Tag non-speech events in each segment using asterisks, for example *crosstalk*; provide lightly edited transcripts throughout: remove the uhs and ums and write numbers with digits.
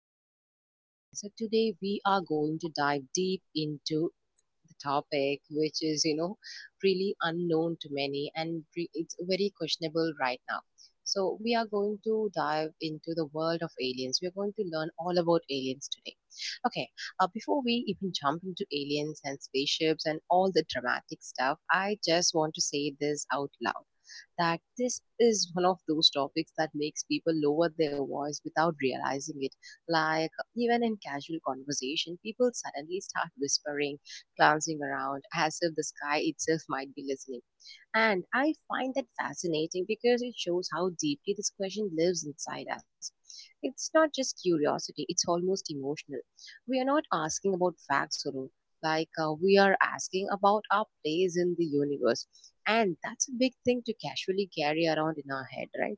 welcome to our podcast. So, today we are going to dive deep into the topic, which is, really unknown to many and it's very questionable right now. So, we are going to dive into the world of aliens. We are going to learn all about aliens today. Okay, before we even jump into aliens and spaceships and all the dramatic stuff, I just want to say this out loud that this is one of those topics that makes people lower their voice without realizing it. Like, even in casual conversation, people suddenly start whispering glancing around as if the sky itself might be listening. And I find that fascinating because it shows how deeply this question lives inside us. It's not just curiosity, it's almost emotional. We are not asking about facts alone, like we are asking about our place in the universe. And that's a big thing to casually carry around in our head, right?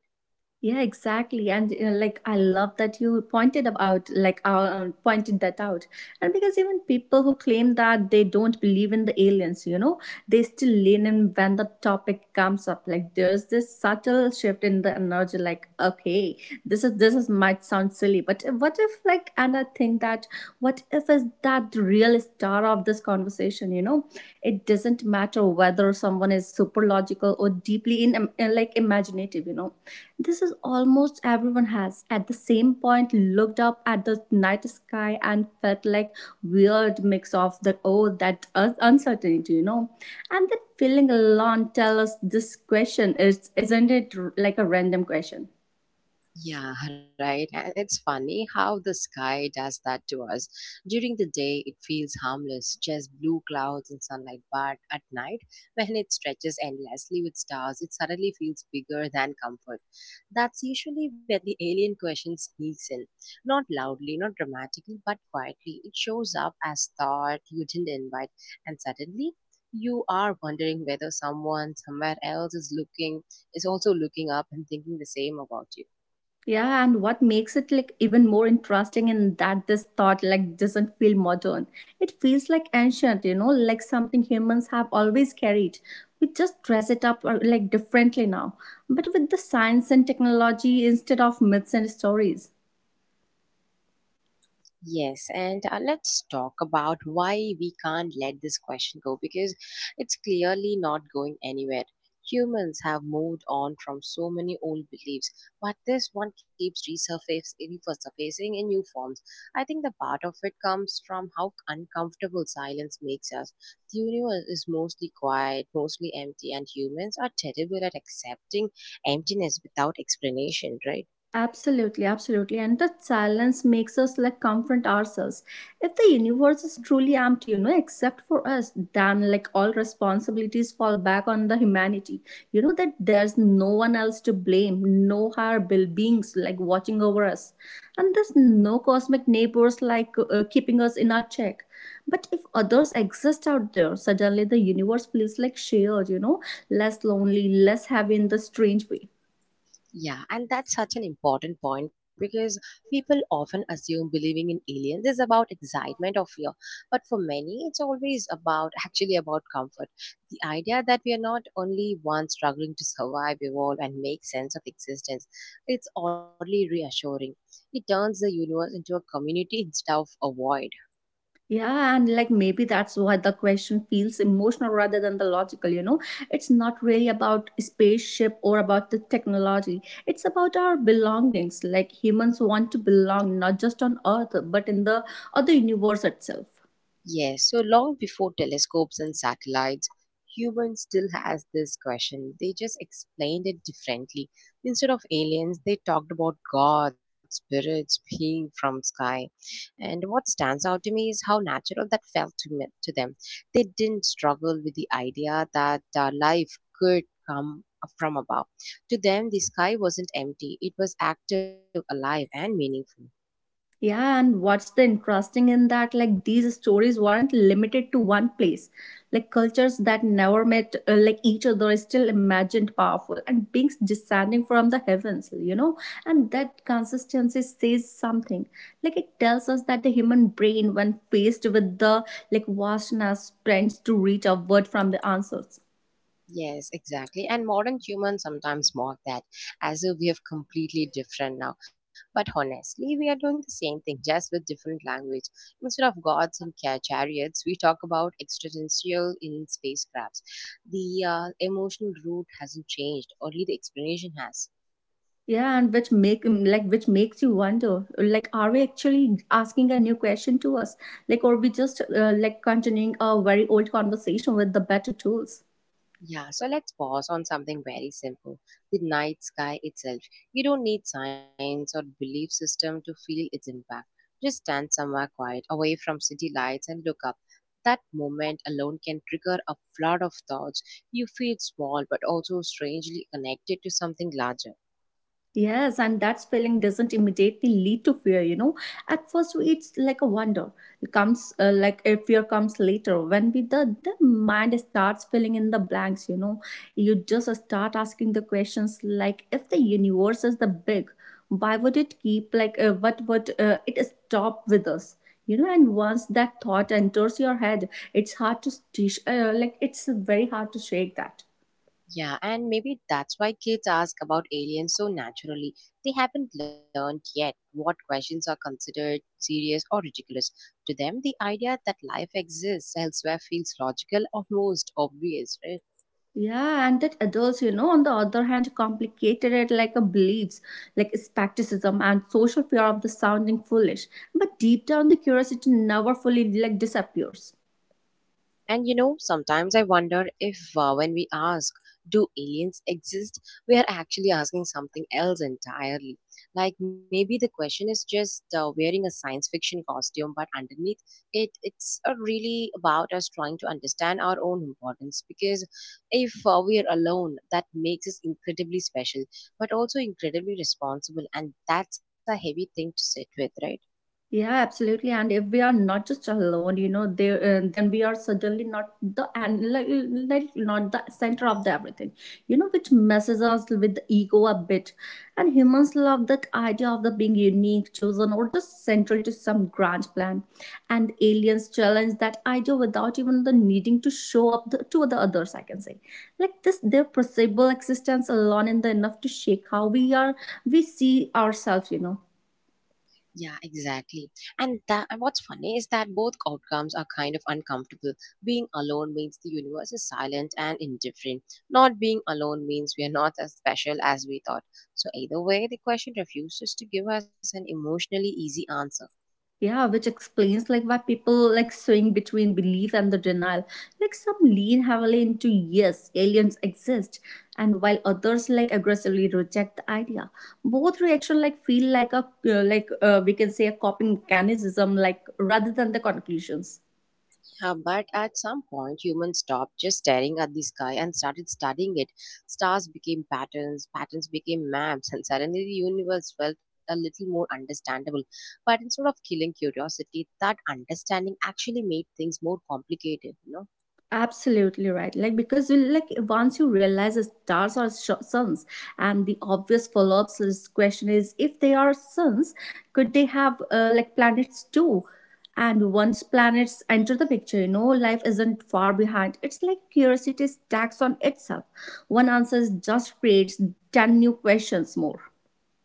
Yeah, exactly. And you like I love that you pointed about like pointed that out. And because even people who claim that they don't believe in the aliens, they still lean in when the topic comes up. Like there's this subtle shift in the energy like okay, this is might sound silly, but what if, like, and I think that what if is that the real star of this conversation. It doesn't matter whether someone is super logical or deeply in, like, imaginative. This is almost everyone has at the same point looked up at the night sky and felt like weird mix of the oh that uncertainty. And that feeling alone tell us this question is isn't like a random question. Yeah, right. And it's funny how the sky does that to us. During the day, it feels harmless, just blue clouds and sunlight. But at night, *laughs* when it stretches endlessly with stars, it suddenly feels bigger than comfort. That's usually where the alien question sneaks in. Not loudly, not dramatically, but quietly. It shows up as thought you didn't invite. And suddenly, you are wondering whether someone somewhere else is looking, is also looking up and thinking the same about you. Yeah, and what makes it like even more interesting in that this thought like doesn't feel modern. It feels like ancient, you know, like something humans have always carried. We just dress it up or like differently now, but with the science and technology instead of myths and stories. Yes, and let's talk about why we can't let this question go because it's clearly not going anywhere. Humans have moved on from so many old beliefs, but this one keeps resurfacing in new forms. I think the part of it comes from how uncomfortable silence makes us. The universe is mostly quiet, mostly empty, and humans are terrible at accepting emptiness without explanation, right? Absolutely, absolutely. And that silence makes us like confront ourselves. If the universe is truly empty, you know, except for us, then like all responsibilities fall back on the humanity. You know that there's no one else to blame, no higher bill beings like watching over us, and there's no cosmic neighbors like keeping us in our check. But if others exist out there, suddenly the universe feels like shared, you know, less lonely, less heavy in the strange way. Yeah, and that's such an important point because people often assume believing in aliens is about excitement or fear. But for many, it's always about actually about comfort. The idea that we are not only one struggling to survive, evolve, and make sense of existence, it's oddly reassuring. It turns the universe into a community instead of a void. Yeah, and like maybe that's why the question feels emotional rather than the logical, you know? It's not really about spaceship or about the technology. It's about our belongings. Like humans want to belong not just on Earth, but in the other universe itself. Yes, so long before telescopes and satellites, humans still has this question. They just explained it differently. Instead of aliens, they talked about God, spirits, being from sky. And what stands out to me is how natural that felt to me, to them. They didn't struggle with the idea that life could come from above. To them, the sky wasn't empty; it was active, alive, and meaningful. Yeah, and what's the interesting in that? Like these stories weren't limited to one place. Like cultures that never met like each other is still imagined powerful and beings descending from the heavens, you know. And that consistency says something. Like it tells us that the human brain, when faced with the like vastness, tends to reach outward from the answers. Yes, exactly. And modern humans sometimes mock that as if we are completely different now. But honestly, we are doing the same thing, just with different language. Instead of gods and chariots, we talk about extraterrestrial in spacecrafts. The emotional root hasn't changed, only the explanation has. Yeah, and which make like which makes you wonder, like, are we actually asking a new question to us, like, or we just like continuing a very old conversation with the better tools? Yeah, so let's pause on something very simple the night sky itself. You don't need science or belief system to feel its impact. Just stand somewhere quiet, away from city lights, and look up. That moment alone can trigger a flood of thoughts. You feel small but also strangely connected to something larger. Yes, and that feeling doesn't immediately lead to fear, you know. At first, it's like a wonder. It comes like a fear comes later when we the mind starts filling in the blanks, you know. You just start asking the questions like, if the universe is the big, why would it keep like what would it stop with us? You know, and once that thought enters your head, it's hard to like it's very hard to shake that. Yeah, and maybe that's why kids ask about aliens so naturally. They haven't learned yet what questions are considered serious or ridiculous. To them, the idea that life exists elsewhere feels logical, almost obvious, Yeah, and that adults, you know, on the other hand, complicated it like a beliefs, like skepticism and social fear of the sounding foolish. But deep down, the curiosity never fully like disappears. And you know, sometimes I wonder if when we ask, do aliens exist, we are actually asking something else entirely. Like maybe the question is just wearing a science fiction costume, but underneath it, it's really about us trying to understand our own importance. Because if we are alone, that makes us incredibly special, but also incredibly responsible. And that's a heavy thing to sit with, right? Yeah, absolutely. And if we are not just alone, you know, then we are suddenly not the and like not the center of the everything, you know, which messes us with the ego a bit. And humans love that idea of the being unique, chosen, or just central to some grand plan. And aliens challenge that idea without even the needing to show up to the others. I can say, like this, their perceivable existence alone in the enough to shake how we are we see ourselves. You know, Yeah, exactly. And that and what's funny is that both outcomes are kind of uncomfortable. Being alone means the universe is silent and indifferent. Not being alone means we are not as special as we thought. So either way, the question refuses to give us an emotionally easy answer. yeah, which explains like why people like swing between belief and the denial, like some lean heavily into yes aliens exist, and while others like aggressively reject the idea. Both reaction like feel like a like we can say a coping mechanism like rather than the conclusions. But at some point, humans stopped just staring at the sky and started studying it. Stars became patterns, patterns became maps, and suddenly the universe felt a little more understandable. But instead of killing curiosity, that understanding actually made things more complicated, you know? Absolutely right, like because you like once you realize the stars are suns, and the obvious follow-up question is if they are suns, could they have like planets too? And once planets enter the picture, you know, life isn't far behind. It's like curiosity stacks on itself. One answer just creates 10 new questions more.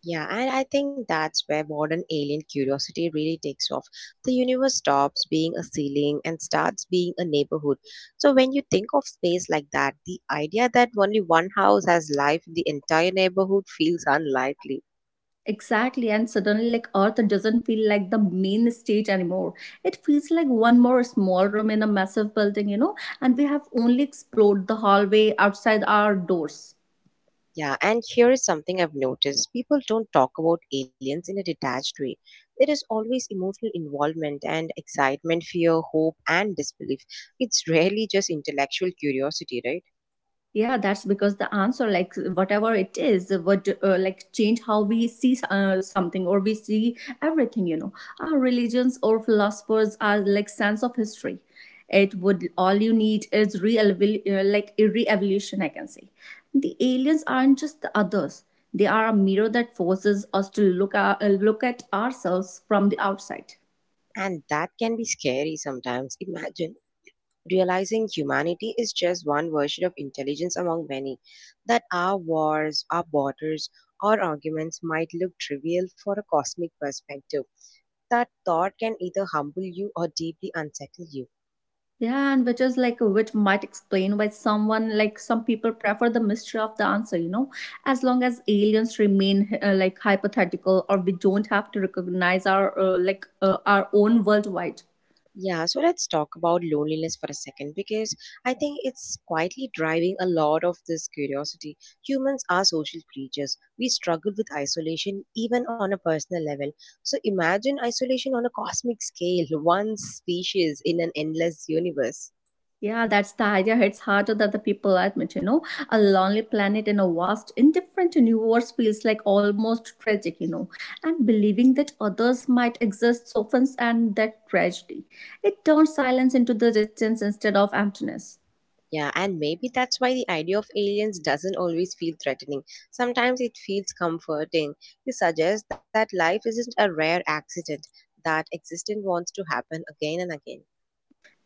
Yeah, and I think that's where modern alien curiosity really takes off. The universe stops being a ceiling and starts being a neighborhood. So, when you think of space like that, the idea that only one house has life in the entire neighborhood feels unlikely. Exactly, and suddenly, like Earth doesn't feel like the main stage anymore. It feels like one more small room in a massive building, you know, and we have only explored the hallway outside our doors. Yeah, and here is something I've noticed people don't talk about aliens in a detached way. There is always emotional involvement and excitement, fear, hope, and disbelief. It's *laughs* rarely just intellectual curiosity, right? Yeah, that's because the answer like whatever it is would like change how we see something or we see everything, you know, our religions or philosophers are like sense of history. It would all you need is real like a re-evolution, I can say. The aliens aren't just the others, they are a mirror that forces us to look at ourselves from the outside. And that can be scary sometimes. Imagine realizing humanity is just one version of intelligence among many, that our wars, our borders, our arguments might look trivial for a cosmic perspective. That thought can either humble you or deeply unsettle you. Yeah, and which is like which might explain why someone like some people prefer the mystery of the answer, you know, as long as aliens remain like hypothetical or we don't have to recognize our like our own worldwide. Yeah, so let's talk about loneliness for a second because I think it's quietly driving a lot of this curiosity. Humans are social creatures. We struggle with isolation even on a personal level. So imagine isolation on a cosmic scale, *laughs* one species in an endless universe. Yeah, that's the idea. It's harder than the people admit, you know. A lonely planet in a vast, indifferent universe feels like almost tragic, you know. And believing that others might exist softens and that tragedy. It turns silence into the distance instead of emptiness. Yeah, and maybe that's why the idea of aliens doesn't always feel threatening. Sometimes it feels comforting. It suggests that life isn't a rare accident, that existence wants to happen again and again.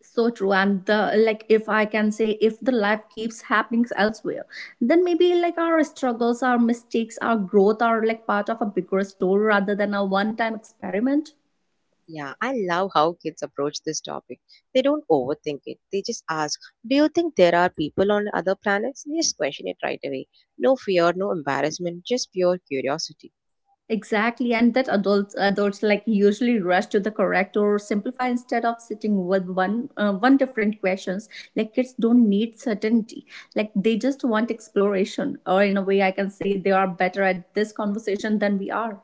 So true, and the like if I can say if the life keeps happening elsewhere, then maybe like our struggles, our mistakes, our growth are like part of a bigger story rather than a one time experiment. Yeah, I love how kids approach this topic. They don't overthink it. They just ask, do you think there are people on other planets? They just question it right away. No fear, no embarrassment, just pure curiosity. *laughs* Exactly, and that adults like usually rush to the correct or simplify instead of sitting with one different questions. Like kids don't need certainty, like they just want exploration, or in a way I can say they are better at this conversation than we are.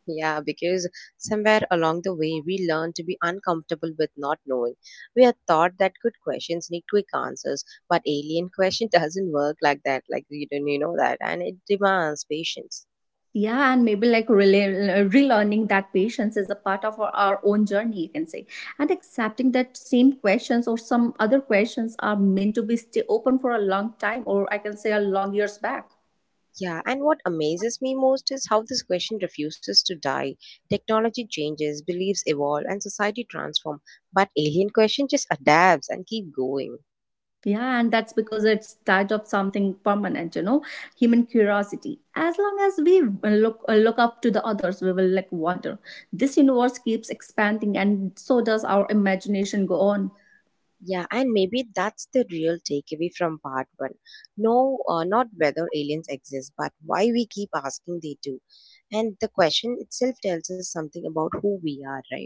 Yeah, because somewhere along the way, we learn to be uncomfortable with not knowing. We are taught that good questions need quick answers, but alien *laughs* question doesn't work like that, like you don't you know that, and it demands patience. Yeah, and maybe like relearning that patience is a part of our own journey, you can say. And accepting that same questions or some other questions are meant to be stay open for a long time, or I can say a long years back. Yeah, and what amazes me most is how this question refuses to die. Technology changes, beliefs evolve, and society transform, but alien question just adapts and keep going. Yeah, and that's because it's tied up something permanent, you know, human curiosity. As long as we look up to the others, we will like wonder. This universe keeps expanding, and so does our imagination go on. Yeah, and maybe that's the real takeaway from part one. No, not whether aliens exist, but why we keep asking they do. And the question itself tells us something about who we are, right?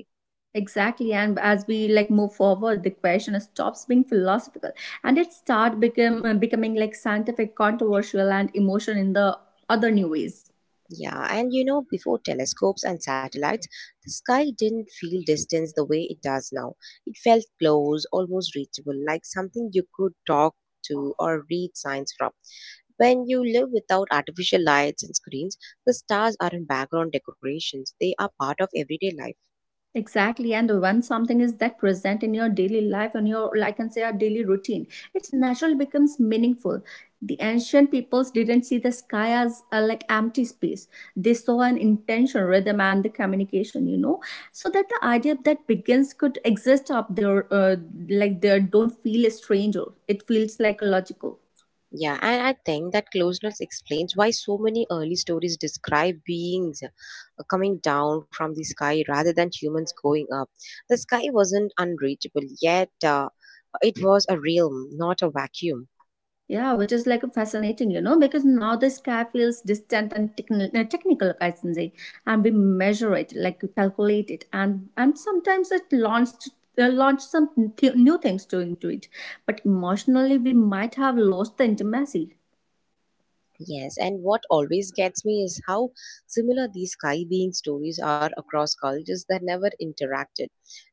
Exactly, and as we like move forward, the question stops being philosophical, and it start become becoming like scientific, controversial, and emotion in the other new ways. Yeah, and you know, before telescopes and satellites, the sky didn't feel distance the way it does now. It felt close, almost reachable, like something you could talk to or read signs from. When you live without artificial lights and screens, the stars aren't background decorations, they are part of everyday life. Exactly. And when something is that present in your daily life and your, like, I can say, our daily routine, it's natural becomes meaningful. The ancient peoples didn't see the sky as like empty space. They saw an intention, rhythm, and the communication. You know, so that the idea that begins could exist up there, like there don't feel strange. Or it feels like logical. Yeah, and I think that closeness explains why so many early stories describe beings coming down from the sky rather than humans going up. The sky wasn't unreachable, yet it was a realm, not a vacuum. Yeah, which is like fascinating, you know, because now the sky feels distant and technical, I can say, and we measure it, like we calculate it, and sometimes it launched launch some new things to into it. But emotionally, we might have lost the intimacy. Yes, and what always gets me is how similar these sky being stories are across cultures that never interacted.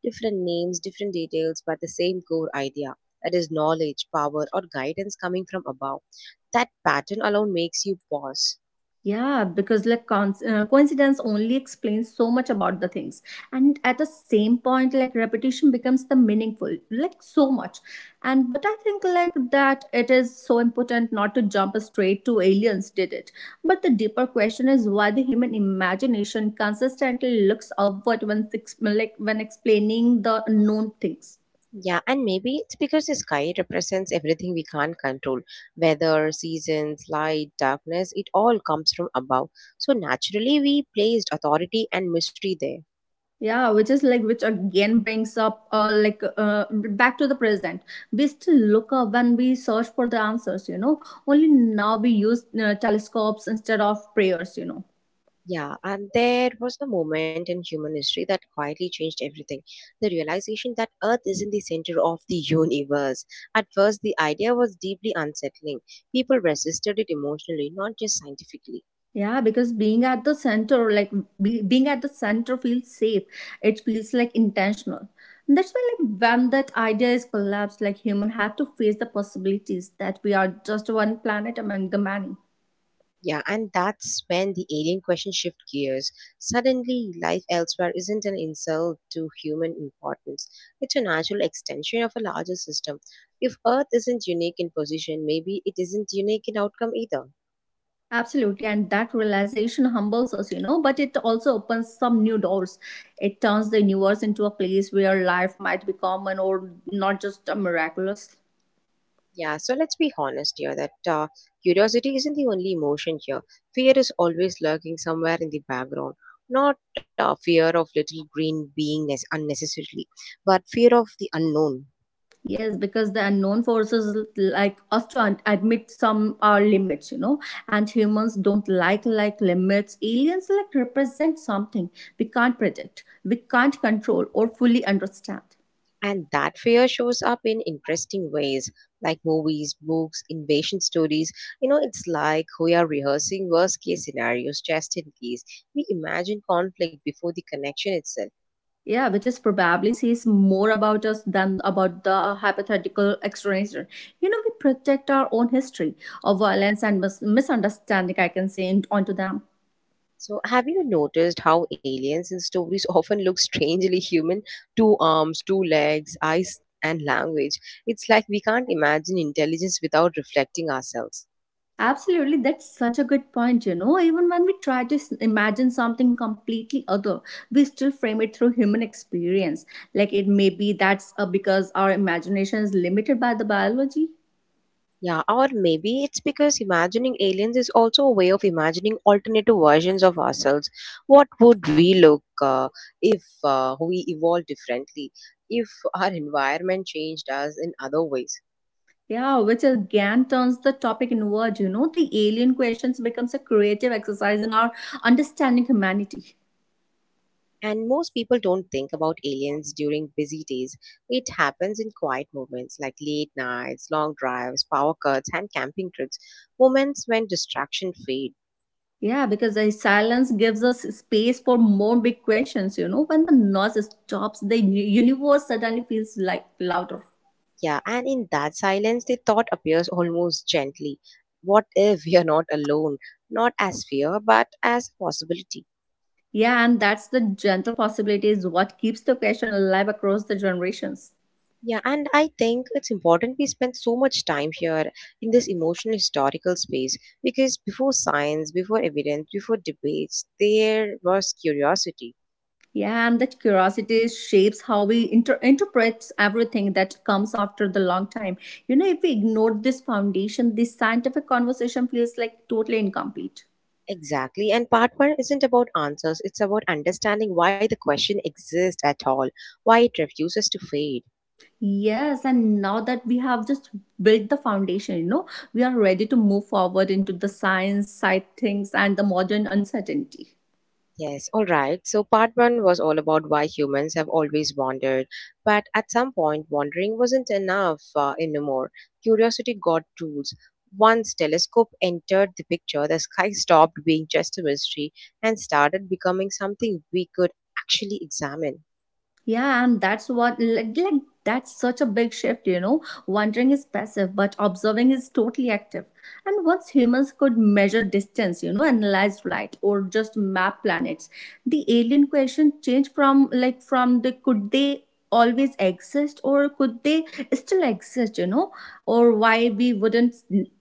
Different names, different details, but the same core idea that is, knowledge, power, or guidance coming from above. That pattern alone makes you pause. Yeah, because like coincidence only explains so much about the things, and at the same point, like repetition becomes the meaningful, like so much. And but I think like that it is so important not to jump straight to aliens did it. But the deeper question is why the human imagination consistently looks upward when like when explaining the known things. Yeah, and maybe it's because the sky represents everything we can't control weather, seasons, light, darkness, it all comes from above. So naturally, we placed authority and mystery there. Yeah, which is like which again brings up back to the present. We still look up when we search for the answers, you know, only now we use telescopes instead of prayers, you know. Yeah, and there was a moment in human history that quietly changed everything. The realization that Earth isn't the center of the *laughs* universe. At first, the idea was deeply unsettling. People resisted it emotionally, not just scientifically. Yeah, because being at the center like being at the center feels safe, it feels like intentional. And that's why like when that idea is collapsed, like human have to face the possibilities that we are just one planet among the many. Yeah, and that's when the alien question shift gears. Suddenly, life elsewhere isn't an insult to human importance. It's a natural extension of a larger system. If Earth isn't unique in position, maybe it isn't unique in outcome either. Absolutely, and that realization humbles us, you know, but it also opens some new doors. It turns the universe into a place where life might be common or not just a miraculous. Yeah, so let's be honest here that curiosity isn't the only emotion here. Fear is always lurking somewhere in the background. Not fear of little green being unnecessarily, but fear of the unknown. Yes, because the unknown forces like us to admit some are limits, you know, and humans don't like limits. Aliens like represent something we can't predict, we can't control, or fully understand. And that fear shows up in interesting ways, like movies, books, invasion stories. You know, it's like we are rehearsing worst case scenarios just in case. We imagine conflict before the connection itself. Yeah, which is probably says more about us than about the hypothetical extraterrestrial. You know, we protect our own history of violence and misunderstanding, I can say, in- onto them. So, have you noticed how aliens in stories *laughs* often look strangely human? Two arms, two legs, eyes, and language. It's like we can't imagine intelligence without reflecting ourselves. Absolutely, that's such a good point. Even when we try to imagine something completely other, we still frame it through human experience. Like it may be that's because our imagination is limited by the biology. Yeah, or maybe it's because imagining aliens is also a way of imagining alternative versions of ourselves. What would we look if we evolved differently? If our environment changed us in other ways? Yeah, which again turns the topic inward. The alien questions becomes a creative exercise in our understanding humanity. And most people don't think about aliens during busy days. It happens in quiet moments like late nights, long drives, power cuts, and camping trips, moments when distraction fade. Yeah, because the silence gives us space for more big questions. When the noise stops, the universe suddenly feels like louder. Yeah, and in that silence, the thought appears almost gently. What if we are not alone? Not as fear, but as possibility. Yeah, and that's the gentle possibility is what keeps the question alive across the generations. Yeah, and I think it's important we spend so much time here in this emotional historical space because before science, before evidence, before debates, there was curiosity. Yeah, and that curiosity shapes how we interpret everything that comes after the long time. If we ignore this foundation, this scientific conversation feels like totally incomplete. Exactly. And part one isn't about answers, it's about understanding why the question exists at all, why it refuses to fade. Yes, and now that we have just built the foundation, we are ready to move forward into the science, side things, and the modern uncertainty. Yes, all right. So, part one was all about why humans have always wandered. But at some point, wandering wasn't enough anymore. Curiosity got tools. Once telescope entered the picture, the sky stopped being just a mystery and started becoming something we could actually examine. Yeah, and that's what, like that's such a big shift. Wandering is passive, but observing is totally active. And once humans could measure distance, analyze light or just map planets, the alien question changed from the could they always exist or could they still exist, or why we wouldn't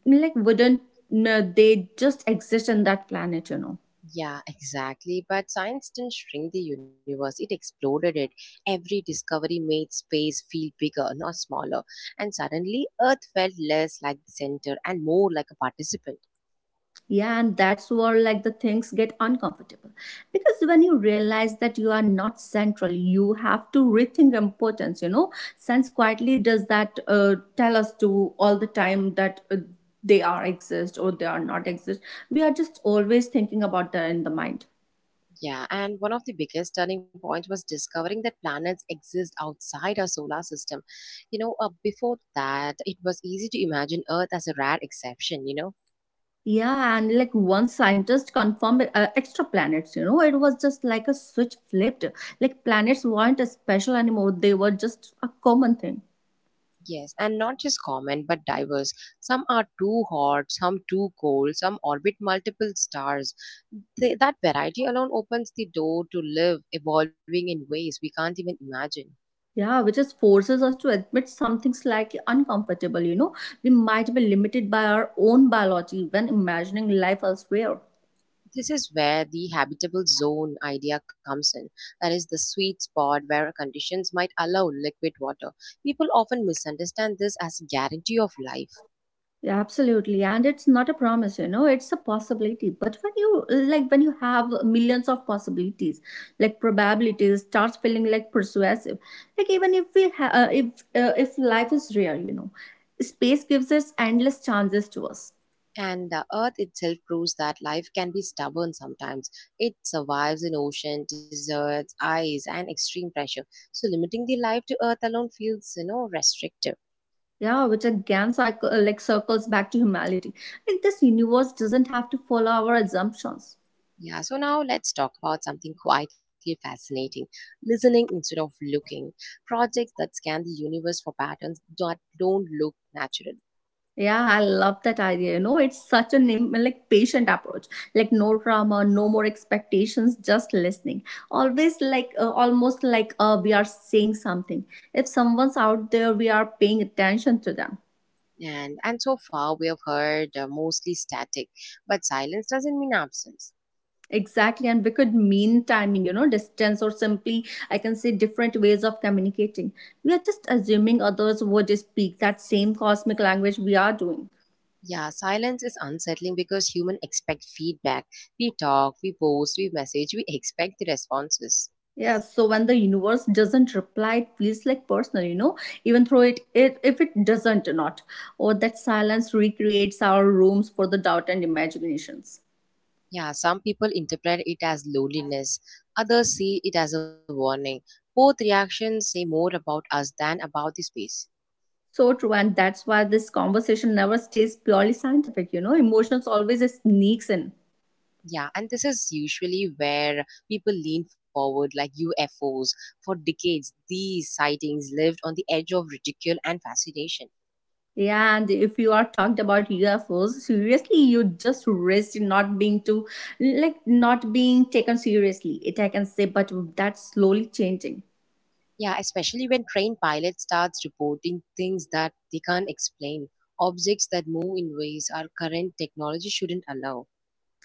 like wouldn't no, they just exist on that planet. Yeah, exactly. But science didn't shrink the universe, it exploded it. Every discovery made space feel bigger, not smaller. And suddenly, Earth felt less like the center and more like a participant. Yeah, and that's where like the things get uncomfortable. Because when you realize that you are not central, you have to rethink importance. Sense quietly does that, tell us to all the time that they are exist or they are not exist. We are just always thinking about that in the mind. Yeah, and one of the biggest turning points was discovering that planets exist outside our solar system. Before that, it was easy to imagine Earth as a rare exception, you know? Yeah, and like one scientist confirmed extra planets, it was just like a switch flipped. Like planets weren't special anymore, they were just a common thing. Yes, and not just common but diverse. Some are too hot, some too cold, some orbit multiple stars. Th- that variety alone opens the door to live evolving in ways we can't even imagine. Yeah, which just forces us to admit something slightly uncomfortable. We might be limited by our own biology when imagining life elsewhere. This is where the habitable zone idea comes in. That is the sweet spot where conditions might allow liquid water. People often misunderstand this as a guarantee of life. Yeah, absolutely, and it's not a promise, it's a possibility. But when you like, when you have millions of possibilities, like probabilities, starts feeling like persuasive. Like even if we ha- if life is rare, space gives us endless chances to us. And the Earth itself proves that life can be stubborn sometimes. It survives in ocean, deserts, ice, and extreme pressure. So limiting the life to Earth alone feels, you know, restrictive. Yeah, which again cycle, like circles back to humanity. Like this universe doesn't have to follow our assumptions. Yeah, so now let's talk about something quietly fascinating, listening instead of looking. Projects that scan the universe for patterns that don't look natural. Yeah, I love that idea. It's such a patient approach. Like no drama, no more expectations, just listening. Always like almost like we are saying something. If someone's out there, we are paying attention to them. And so far, we have heard mostly static, but silence doesn't mean absence. Exactly, and we could mean timing, distance, or simply, I can say, different ways of communicating. We are just assuming others would speak that same cosmic language we are doing. Yeah, silence is unsettling because humans expect feedback. We talk, we post, we message, we expect the responses. Yes, so when the universe doesn't reply, it feels like personal, even though it if it doesn't or not, or that silence recreates our rooms for the doubt and imaginations. Yeah, some people interpret it as loneliness, others see it as a warning. Both reactions say more about us than about the space. So true, and that's why this conversation never stays purely scientific, emotions always sneaks in. Yeah, and this is usually where people lean forward like UFOs. For decades, these sightings lived on the edge of ridicule and fascination. Yeah, and if you are talked about UFOs, seriously, you just risk not being too, like, not being taken seriously. It I can say, but that's slowly changing. Yeah, especially when trained pilot starts reporting things that they can't explain, objects that move in ways our current technology shouldn't allow.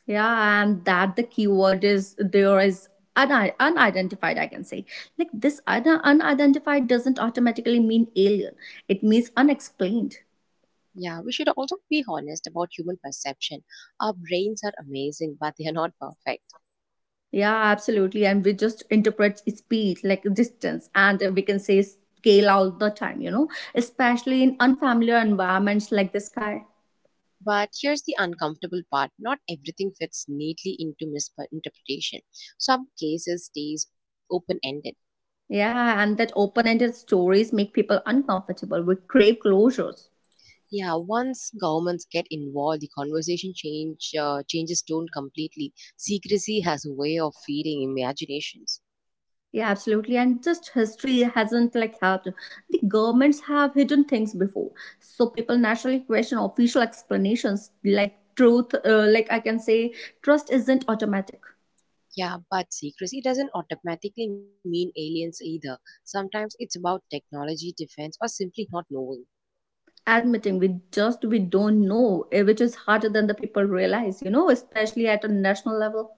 Yeah, and that the keyword is there is unidentified. I can say, like, this unidentified doesn't automatically mean alien. It means unexplained. Yeah, we should also be honest about human perception. Our brains are amazing, but they are not perfect. Yeah, absolutely. And we just interpret speed like distance, and we can say scale all the time, especially in unfamiliar environments like the sky. But here's the uncomfortable part, not everything fits neatly into misinterpretation. Some cases stays open ended. Yeah, and that open ended stories make people uncomfortable. We crave closures. Yeah, once governments get involved, the conversation changes tone completely. Secrecy has a way of feeding imaginations. Yeah, absolutely. And just history hasn't like helped. The governments have hidden things before. So people naturally question official explanations like truth, like I can say, trust isn't automatic. Yeah, but secrecy doesn't automatically mean aliens either. Sometimes it's about technology, defense, or simply not knowing. Admitting we just we don't know which is harder than the people realize, especially at a national level.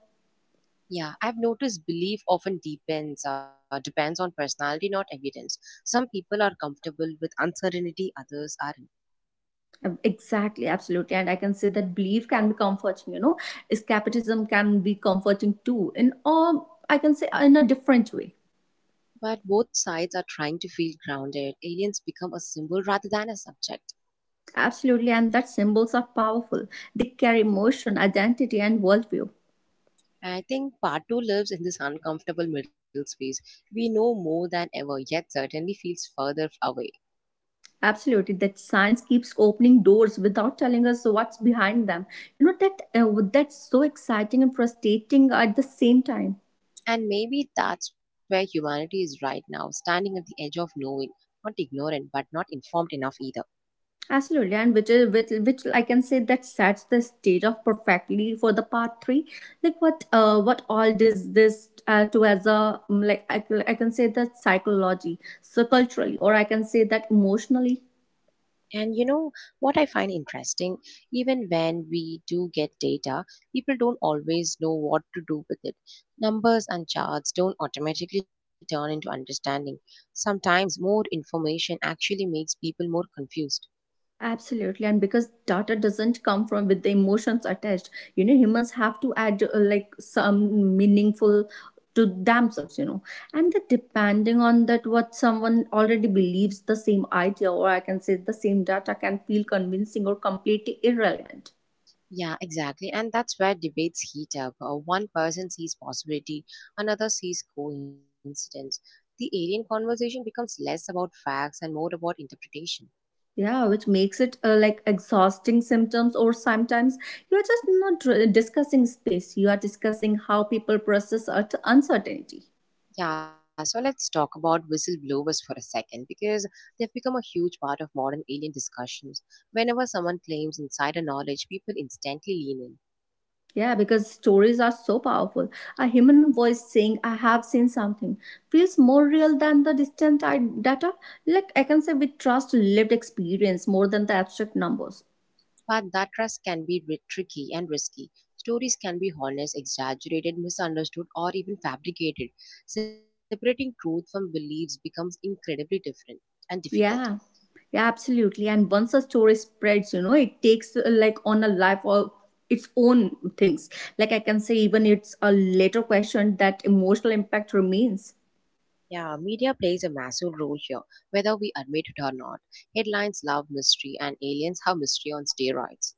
Yeah, I've noticed belief often depends on personality, not evidence. Some people are comfortable with uncertainty, others aren't. Exactly, absolutely, and I can say that belief can be comforting. Escapism can be comforting too in all, I can say, in a different way. But both sides are trying to feel grounded. Aliens become a symbol rather than a subject. Absolutely, and that symbols are powerful. They carry emotion, identity, and worldview. I think part two lives in this uncomfortable middle space. We know more than ever, yet certainly feels further away. Absolutely, that science keeps opening doors without telling us what's behind them. That's so exciting and frustrating at the same time. And maybe that's where humanity is right now, standing at the edge of knowing, not ignorant, but not informed enough either. Absolutely, and which I can say that sets the stage of perfectly for the part three. Like what all does this to as a like I can say that psychology, so culturally, or I can say that emotionally, And you know what I find interesting? Even when we do get data, people don't always know what to do with it. Numbers and charts don't automatically turn into understanding. Sometimes more information actually makes people more confused. absolutely, and because data doesn't come from with the emotions attached, humans have to add, like some meaningful to themselves, and that depending on that what someone already believes, the same idea or I can say the same data can feel convincing or completely irrelevant. Yeah, exactly. And that's where debates heat up. One person sees possibility, another sees coincidence. The alien conversation becomes less about facts and more about interpretation. Yeah, which makes it, like exhausting symptoms, or sometimes you are just not discussing space; you are discussing how people process uncertainty. Yeah, so let's talk about whistleblowers for a second because they've become a huge part of modern alien discussions. Whenever someone claims insider knowledge, people instantly lean in. Yeah, because stories are so powerful. A human voice saying, "I have seen something," feels more real than the distant data. Like, I can say we trust lived experience more than the abstract numbers. But that trust can be tricky and risky. Stories can be honest, exaggerated, misunderstood, or even fabricated. Separating truth from beliefs becomes incredibly different and difficult. Yeah, yeah, absolutely. And once a story spreads, it takes, like on a life of its own things. Like, I can say, even it's a later question that emotional impact remains. Yeah, media plays a massive role here, whether we admit it or not. Headlines love mystery, and aliens have mystery on steroids.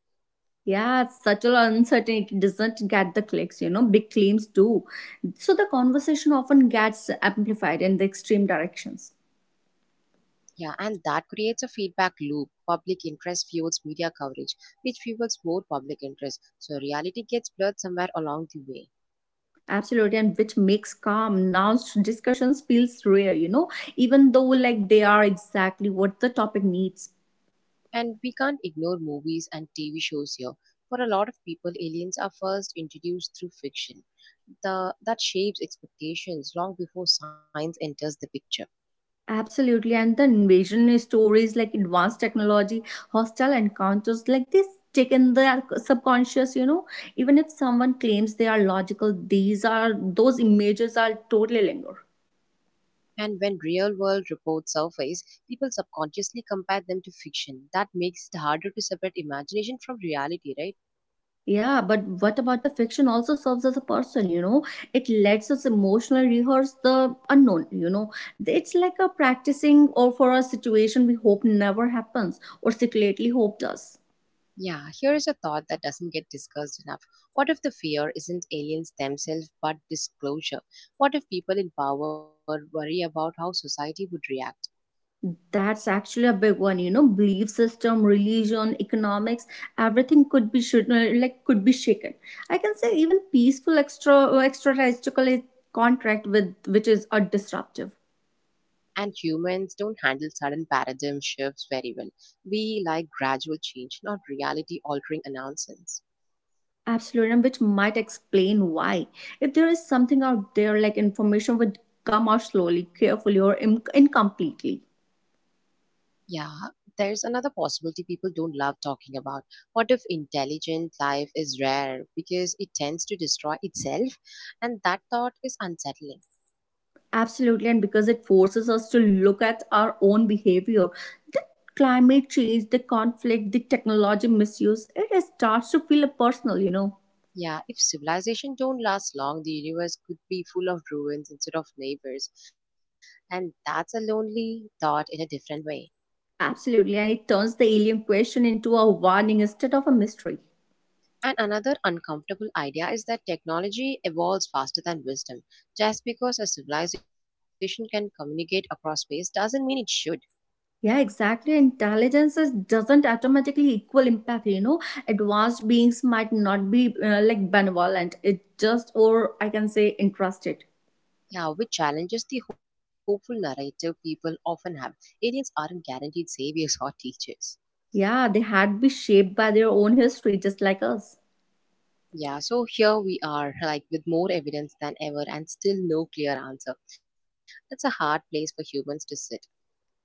Yeah, it's such an uncertain. It doesn't get the clicks, big claims do. So the conversation often gets amplified in the extreme directions. Yeah, and that creates a feedback loop. Public interest fuels media coverage, which fuels more public interest. So reality gets blurred somewhere along the way. Absolutely, and which makes calm, nuanced discussions feels rare, even though like they are exactly what the topic needs. And we can't ignore movies and TV shows here. For a lot of people, aliens are first introduced through fiction. That shapes expectations long before science enters the picture. Absolutely, and the invasion stories like advanced technology, hostile encounters, like this stick in the subconscious. Even if someone claims they are logical, these are those images are totally linger. And when real world reports surface, people subconsciously compare them to fiction. That makes it harder to separate imagination from reality, right? Yeah, but what about the fiction also serves as a person? It lets us emotionally rehearse the unknown? It's like a practicing or for a situation we hope never happens or secretly hope does. Yeah, here is a thought that doesn't get discussed enough. What if the fear isn't aliens themselves but disclosure? What if people in power worry about how society would react? That's actually a big one? Belief system, religion, economics, everything could be shaken. I can say even peaceful extraterrestrial contract with which is a disruptive. And humans don't handle sudden paradigm shifts very well. We like gradual change, not reality altering announcements. Absolutely, and which might explain why. If there is something out there, like information would come out slowly, carefully, or incompletely. Yeah, there's another possibility people don't love talking about. What if intelligent life is rare because it tends to destroy itself? And that thought is unsettling. Absolutely, and because it forces us to look at our own behavior, the climate change, the conflict, the technology misuse, it starts to feel personal. Yeah, if civilization don't last long, the universe could be full of ruins instead of neighbors. And that's a lonely thought in a different way. Absolutely, and it turns the alien question into a warning instead of a mystery. And another uncomfortable idea is that technology evolves faster than wisdom. Just because a civilization can communicate across space doesn't mean it should. Yeah, exactly. Intelligence is, doesn't automatically equal empathy. You know, advanced beings might not be, like benevolent. It just, or I can say, interested. Yeah, which challenges the hopeful narrative people often have. Aliens aren't guaranteed saviors or teachers. Yeah, they had be shaped by their own history, just like us. Yeah, so here we are, like with more evidence than ever and still no clear answer. That's a hard place for humans to sit.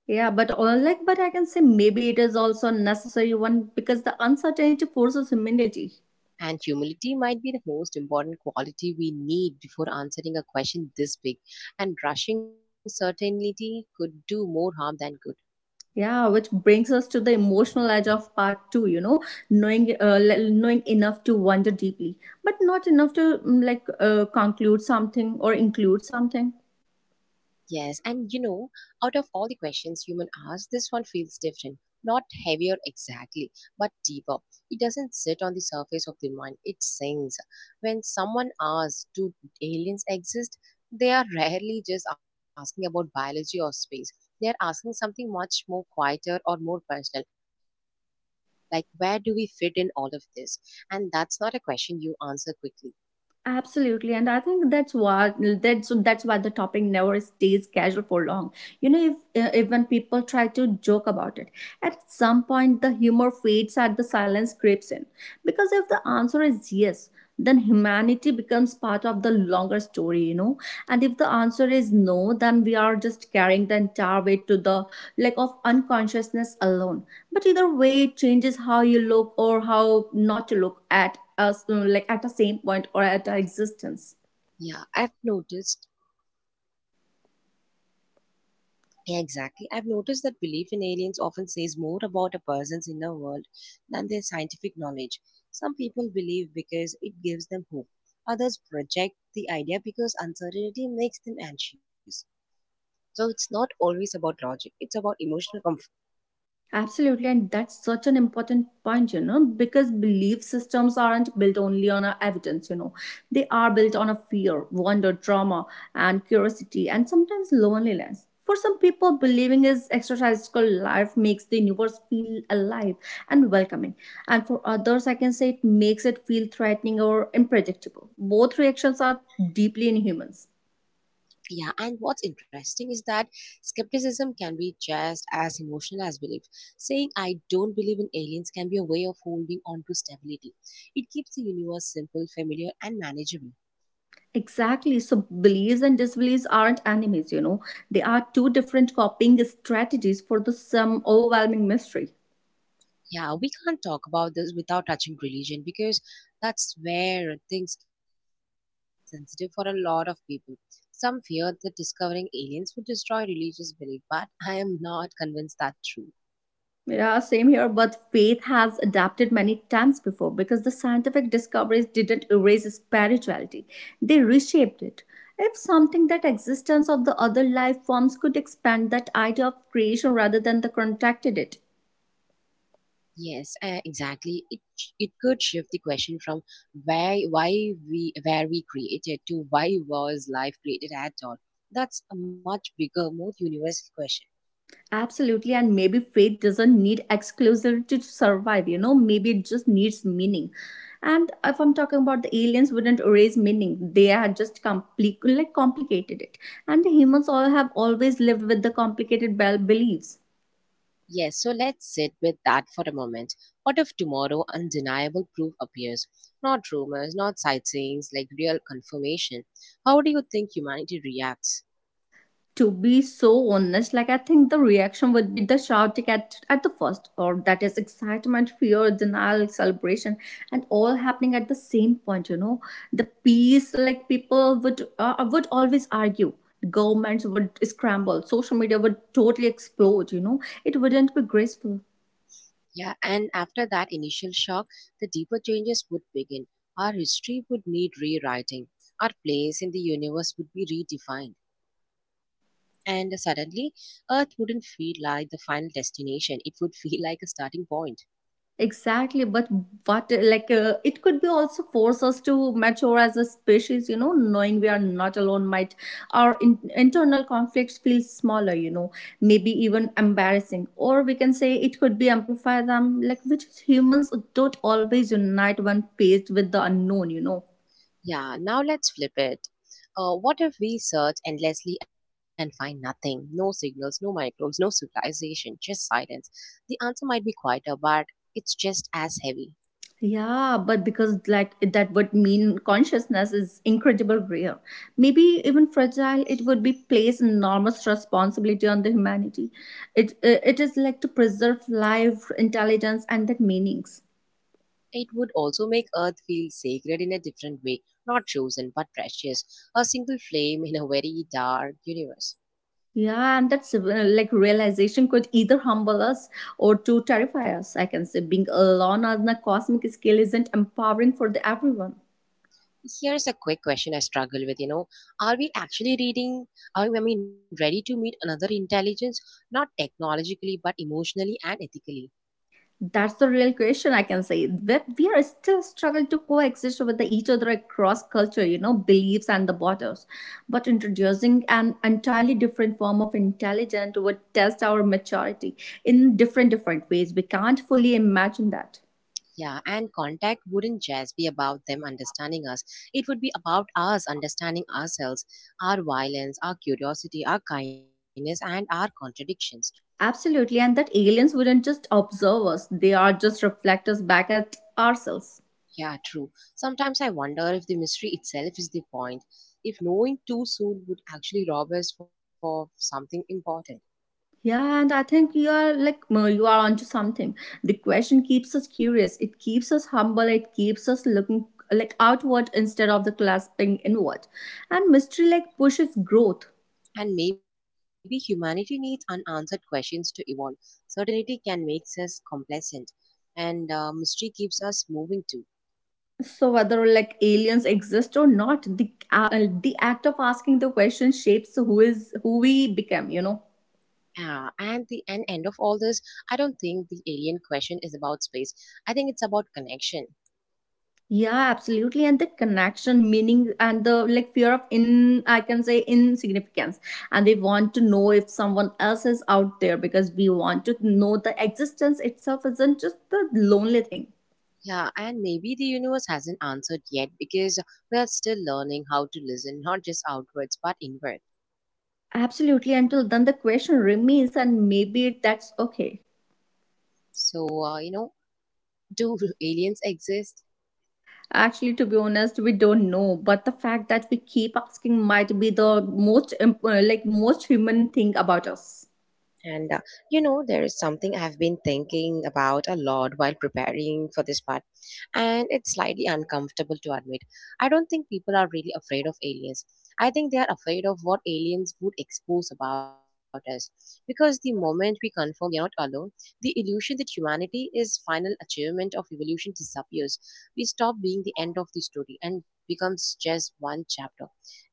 Yeah, but all like, but I can say maybe it is also a necessary one because the uncertainty forces humility. And humility might be the most important quality we need before answering a question this big. And rushing certainty could do more harm than good. Yeah, which brings us to the emotional edge of part two. Knowing enough to wonder deeply, but not enough to conclude something or include something. Yes, and you know, out of all the questions human ask, this one feels different. Not heavier exactly, but deeper. It doesn't sit on the surface of the mind, it sinks. When someone asks, do aliens exist? They are rarely just asking about biology or space. They are asking something much more quieter or more personal, like where do we fit in all of this? And that's not a question you answer quickly. Absolutely, and I think that's what that's why the topic never stays casual for long. You know, if Even people try to joke about it, at some point the humor fades and the silence creeps in. Because if the answer is yes, then humanity becomes part of the longer story. And if the answer is no, then we are just carrying the entire weight to the like of unconsciousness alone. But either way, it changes how you look or how not to look at as like at the same point or at our existence. Yeah, I've noticed Yeah, exactly. I've noticed that belief in aliens often says more about a person's inner world than their scientific knowledge. Some people believe because it gives them hope. Others project the idea because uncertainty makes them anxious. So it's not always about logic, it's about emotional comfort. Absolutely, and that's such an important point, because belief systems aren't built only on our evidence. They are built on a fear, wonder, trauma, and curiosity, and sometimes loneliness. For some people, believing is extraterrestrial life makes the universe feel alive and welcoming. And for others, I can say it makes it feel threatening or unpredictable. Both reactions are deeply inhuman. Yeah, and what's interesting is that skepticism can be just as emotional as belief. Saying I don't believe in aliens can be a way of holding on to stability. It keeps the universe simple, familiar, and manageable. Exactly. So beliefs and disbeliefs aren't enemies. They are two different coping strategies for the some overwhelming mystery. Yeah, we can't talk about this without touching religion because that's where things get sensitive for a lot of people. Some fear that discovering aliens would destroy religious belief, but I am not convinced that's true. Yeah, same here, but faith has adapted many times before because the scientific discoveries didn't erase spirituality. They reshaped it. If something that existence of the other life forms could expand that idea of creation rather than the contracted it. Yes, exactly. It could shift the question from where why we where we created to why was life created at all. That's a much bigger, more universal question. Absolutely, and maybe faith doesn't need exclusivity to survive, maybe it just needs meaning. And if I'm talking about the aliens wouldn't erase meaning, they had just complicated it. And the humans all have always lived with the complicated beliefs. Yes, so let's sit with that for a moment. What if tomorrow undeniable proof appears? Not rumors, not sightseeings, like real confirmation. How do you think humanity reacts? To be so honest, like I think the reaction would be the shouting at the first, or that is excitement, fear, denial, celebration, and all happening at the same point. The peace, like people would always argue. Governments would scramble. Social media would totally explode. You know, it wouldn't be graceful. Yeah, and after that initial shock, the deeper changes would begin. Our history would need rewriting. Our place in the universe would be redefined. And suddenly, Earth wouldn't feel like the final destination, it would feel like a starting point. Exactly, but what like it could be also force us to mature as a species, knowing we are not alone might our internal conflicts feel smaller, maybe even embarrassing, or we can say it could be amplify them, like which humans don't always unite when faced with the unknown. Yeah, now let's flip it. What if we search endlessly and find nothing? No signals, no microbes, no civilization, just silence. The answer might be quieter, but it's just as heavy. Yeah, but because like that would mean consciousness is incredible rare. Maybe even fragile. It would be place enormous responsibility on the humanity. It is like to preserve life, intelligence, and that meanings. It would also make Earth feel sacred in a different way, not chosen but precious, a single flame in a very dark universe. Yeah, and that's like realization could either humble us or to terrify us. I can say being alone on a cosmic scale isn't empowering for the everyone. Here's a quick question I struggle with, you know. Are we actually ready to meet another intelligence, not technologically, but emotionally and ethically? That's the real question I can say. We are still struggle to coexist with the each other across culture, beliefs and the borders. But introducing an entirely different form of intelligence would test our maturity in different ways. We can't fully imagine that. Yeah, and contact wouldn't just be about them understanding us. It would be about us understanding ourselves, our violence, our curiosity, our kindness, and our contradictions. Absolutely, and that aliens wouldn't just observe us; they are just reflectors back at ourselves. Yeah, true. Sometimes I wonder if the mystery itself is the point, if knowing too soon would actually rob us for something important. Yeah, and I think you are like you are onto something. The question keeps us curious. It keeps us humble. It keeps us looking like outward instead of the clasping inward. And mystery like pushes growth. And maybe humanity needs unanswered questions to evolve. Certainty can make us complacent, and mystery keeps us moving too. So whether like aliens exist or not, the act of asking the question shapes who we become. Yeah, and the and end of all this, I don't think the alien question is about space. I think it's about connection. Yeah, absolutely. And the connection, meaning, and the like fear of I can say insignificance. And we want to know if someone else is out there because we want to know the existence itself isn't just the lonely thing. Yeah, and maybe the universe hasn't answered yet because we are still learning how to listen, not just outwards but inward. Absolutely. Until then, the question remains, and maybe that's okay. So, you know, do *laughs* aliens exist? Actually, to be honest, we don't know. But the fact that we keep asking might be the most human thing about us. And you know, there is something I've been thinking about a lot while preparing for this part, and it's slightly uncomfortable to admit. I don't think people are really afraid of aliens. I think they are afraid of what aliens would expose about us. Because the moment we confirm we are not alone, the illusion that humanity is final achievement of evolution disappears. We stop being the end of the story and becomes just one chapter.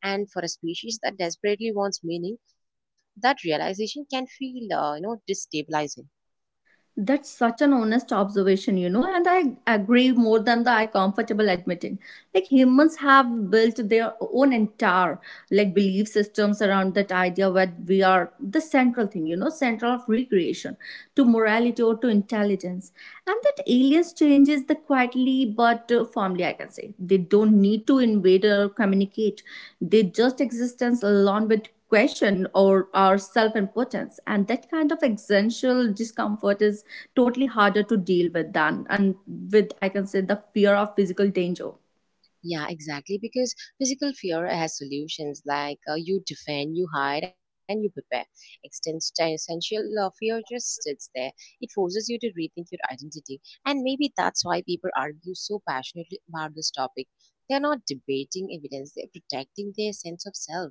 And for a species that desperately wants meaning, that realization can feel destabilizing. That's such an honest observation, and I agree more than the I comfortable admitting. Like humans have built their own entire like belief systems around that idea where we are the central thing, central of recreation to morality or to intelligence. And that aliens changes the quietly but firmly, I can say they don't need to invade or communicate. They just existence along with question or our self-importance, and that kind of existential discomfort is totally harder to deal with than and with, I can say, the fear of physical danger. Yeah, exactly. Because physical fear has solutions like you defend, you hide, and you prepare. Existential fear just sits there. It forces you to rethink your identity. And maybe that's why people argue so passionately about this topic. They're not debating evidence, they're protecting their sense of self.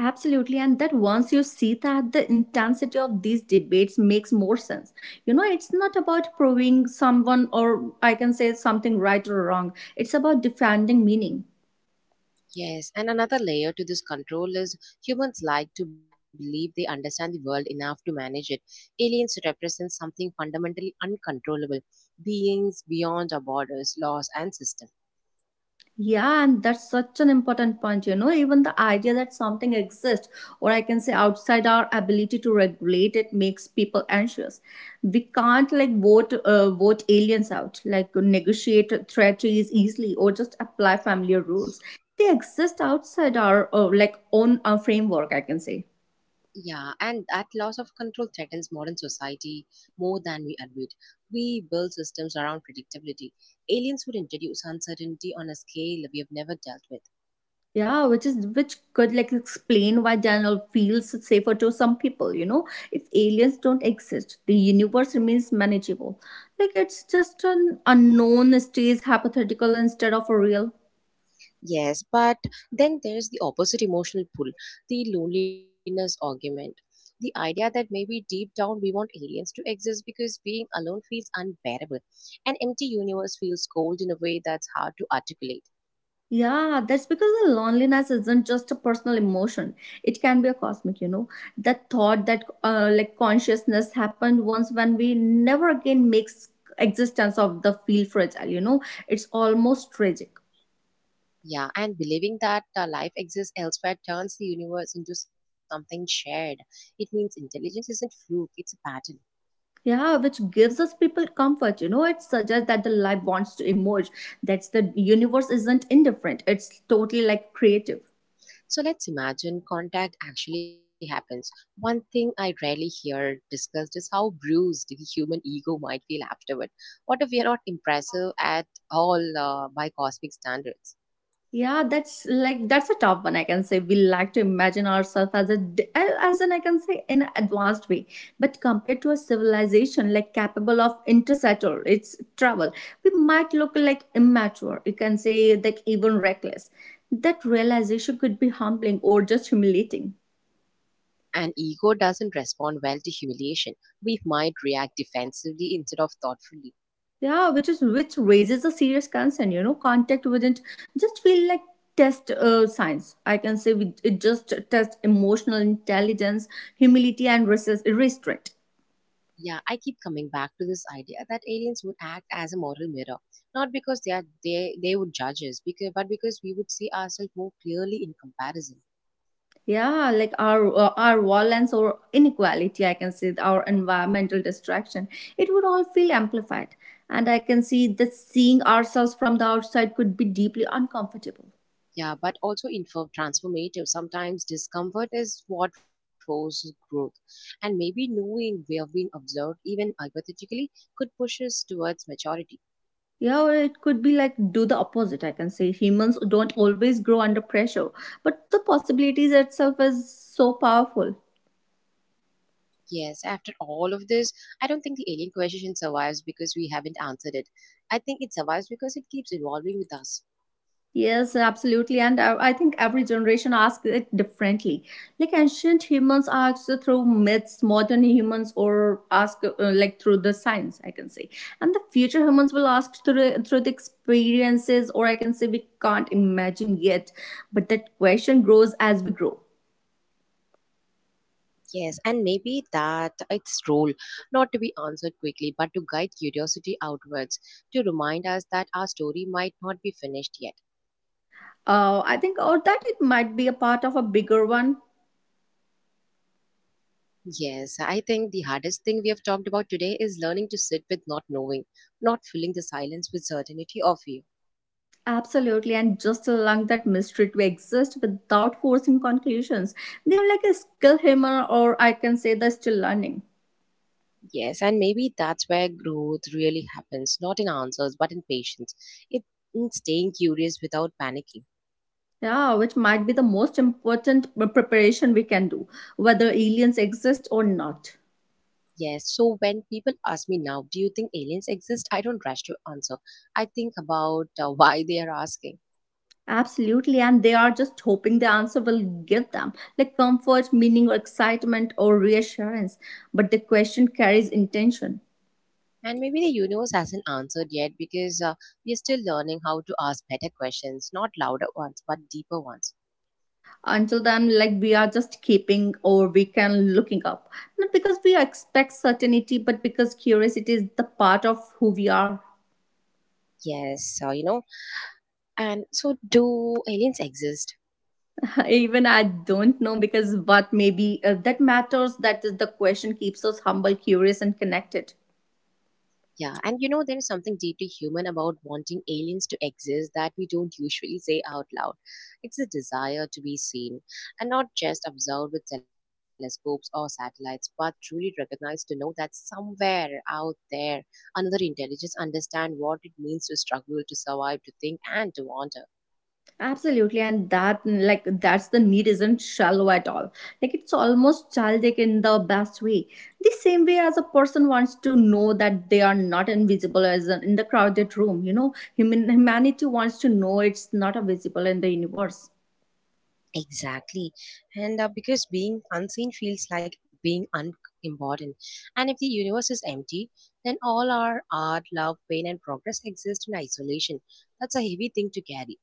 Absolutely, and that once you see that, the intensity of these debates makes more sense. You know, it's not about proving someone or, I can say, something right or wrong, it's about defending meaning. Yes, and another layer to this control is humans like to believe they understand the world enough to manage it. Aliens represent something fundamentally uncontrollable, beings beyond our borders, laws, and system. Yeah, and that's such an important point. You know, even the idea that something exists, or, I can say, outside our ability to regulate it, makes people anxious. We can't like vote aliens out, like negotiate treaties easily, or just apply familiar rules. They exist outside our like own framework, I can say. Yeah, and that loss of control threatens modern society more than we admit. We build systems around predictability. Aliens would introduce uncertainty on a scale we have never dealt with. Yeah, which could like explain why Daniel feels safer to some people. If aliens don't exist, the universe remains manageable. Like it's just an unknown stays hypothetical instead of a real. Yes, but then there's the opposite emotional pull, the loneliness argument. The idea that maybe deep down we want aliens to exist because being alone feels unbearable. An empty universe feels cold in a way that's hard to articulate. Yeah, that's because the loneliness isn't just a personal emotion. It can be a cosmic. That thought that like consciousness happened once when we never again makes existence of the feel fragile. It's almost tragic. Yeah, and believing that life exists elsewhere turns the universe into something shared. It means intelligence isn't fluke, it's a pattern. Yeah, which gives us people comfort. It suggests that the life wants to emerge. That's the universe isn't indifferent. It's totally like creative. So let's imagine contact actually happens. One thing I rarely hear discussed is how bruised the human ego might feel afterward. What if we are not impressive at all by cosmic standards? Yeah, that's a tough one. I can say we like to imagine ourselves as as an, I can say, in an advanced way, but compared to a civilization like capable of interstellar its travel, we might look like immature. You can say like even reckless. That realization could be humbling or just humiliating. And ego doesn't respond well to humiliation. We might react defensively instead of thoughtfully. Yeah, which raises a serious concern. Contact wouldn't just feel like test science. I can say it just test emotional intelligence, humility and restraint. Yeah, I keep coming back to this idea that aliens would act as a moral mirror, not because they are they would judge us, because but because we would see ourselves more clearly in comparison. Yeah, like our violence or inequality, I can say our environmental distraction, it would all feel amplified, and I can see that seeing ourselves from the outside could be deeply uncomfortable. Yeah, but also inform transformative. Sometimes discomfort is what forces growth. And maybe knowing we have been observed, even hypothetically, could push us towards maturity. Yeah, or it could be like do the opposite. I can say humans don't always grow under pressure, but the possibilities itself is so powerful. Yes, after all of this, I don't think the alien question survives because we haven't answered it. I think it survives because it keeps evolving with us. Yes, absolutely. And I think every generation asks it differently. Like ancient humans asked through myths, modern humans or ask like through the science, I can say. And the future humans will ask through the experiences, or I can say we can't imagine yet. But that question grows as we grow. Yes, and maybe that its role, not to be answered quickly, but to guide curiosity outwards, to remind us that our story might not be finished yet. Oh, I think or that it might be a part of a bigger one. Yes, I think the hardest thing we have talked about today is learning to sit with not knowing, not filling the silence with certainty or fear. Absolutely, and just allow that mystery to exist without forcing conclusions. They are like a skill hammer, or I can say they're still learning. Yes, and maybe that's where growth really happens, not in answers, but in patience. It in staying curious without panicking. Yeah, which might be the most important preparation we can do, whether aliens exist or not. Yes, so when people ask me now, do you think aliens exist? I don't rush to answer. I think about *laughs* why they are asking. Absolutely, and they are just hoping the answer will give them like comfort, meaning, or excitement, or reassurance. But the question carries intention. And maybe the universe hasn't answered yet because we are still learning how to ask better questions, not louder ones, but deeper ones. Until then, like, we are just keeping, or we can looking up, not because we expect certainty but because curiosity is the part of who we are. Yes, so you know, so do aliens exist? *laughs* Even I don't know, because what maybe that matters that is the question keeps us humble, curious and connected. Yeah, and you know, there is something deeply human about wanting aliens to exist that we don't usually say out loud. It's a desire to be seen and not just observed with telescopes or satellites, but truly recognized to know that somewhere out there, another intelligence understand what it means to struggle, to survive, to think, and to wander. Absolutely, and that like that's the need isn't shallow at all. Like it's almost childish in the best way. The same way as a person wants to know that they are not invisible, in the crowded room. Humanity wants to know it's not a visible in the universe. Exactly. And because being unseen feels like being unimportant. And if the universe is empty, then all our art, love, pain, and progress exist in isolation. That's a heavy thing to carry.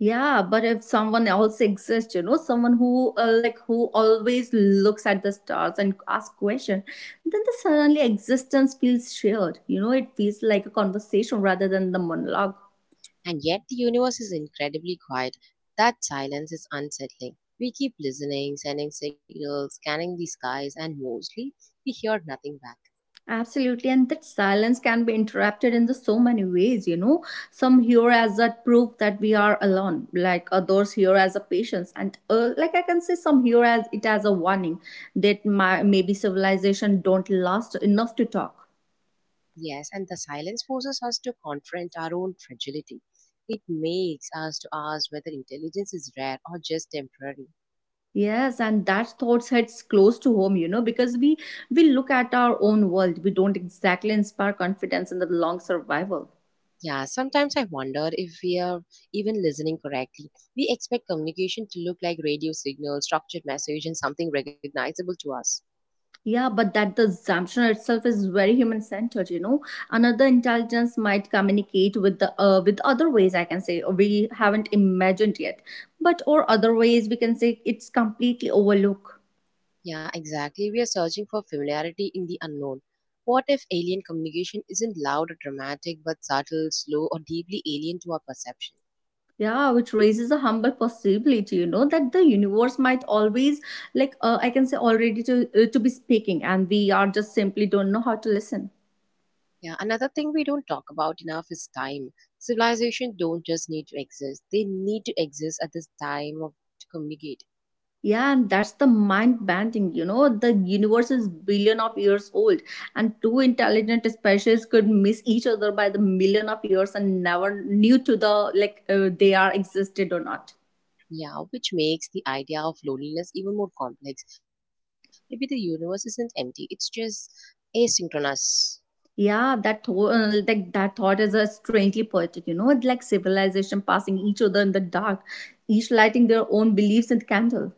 Yeah, but if someone else exists, someone who always looks at the stars and asks question, then the suddenly existence feels shared. It feels like a conversation rather than the monologue. And yet, the universe is incredibly quiet. That silence is unsettling. We keep listening, sending signals, scanning the skies, and mostly we hear nothing back. Absolutely, and that silence can be interrupted in the so many ways. Some hear as a proof that we are alone, like others hear as a patience, and like, I can say, some hear as it as a warning that maybe civilization don't last enough to talk. Yes, and the silence forces us to confront our own fragility. It makes us to ask whether intelligence is rare or just temporary. Yes, and that thought hits close to home, because we look at our own world, we don't exactly inspire confidence in the long survival. Yeah, sometimes I wonder if we are even listening correctly. We expect communication to look like radio signals, structured message, and something recognizable to us. Yeah, but that the assumption itself is very human centered. Another intelligence might communicate with other ways, I can say, or we haven't imagined yet. But or other ways, we can say, it's completely overlooked. Yeah, exactly. We are searching for familiarity in the unknown. What if alien communication isn't loud or dramatic but subtle, slow, or deeply alien to our perception? Yeah, which raises a humble possibility, that the universe might always like I can say already to be speaking and we are just simply don't know how to listen. Yeah, another thing we don't talk about enough is time. Civilization don't just need to exist; they need to exist at this time of to communicate. Yeah, and that's the mind bending. The universe is billion of years old, and two intelligent species could miss each other by the million of years and never knew to the like they are existed or not. Yeah, which makes the idea of loneliness even more complex. Maybe the universe isn't empty; it's just asynchronous. Yeah, that that thought is a strangely poetic. It's like civilization passing each other in the dark, each lighting their own beliefs and candle.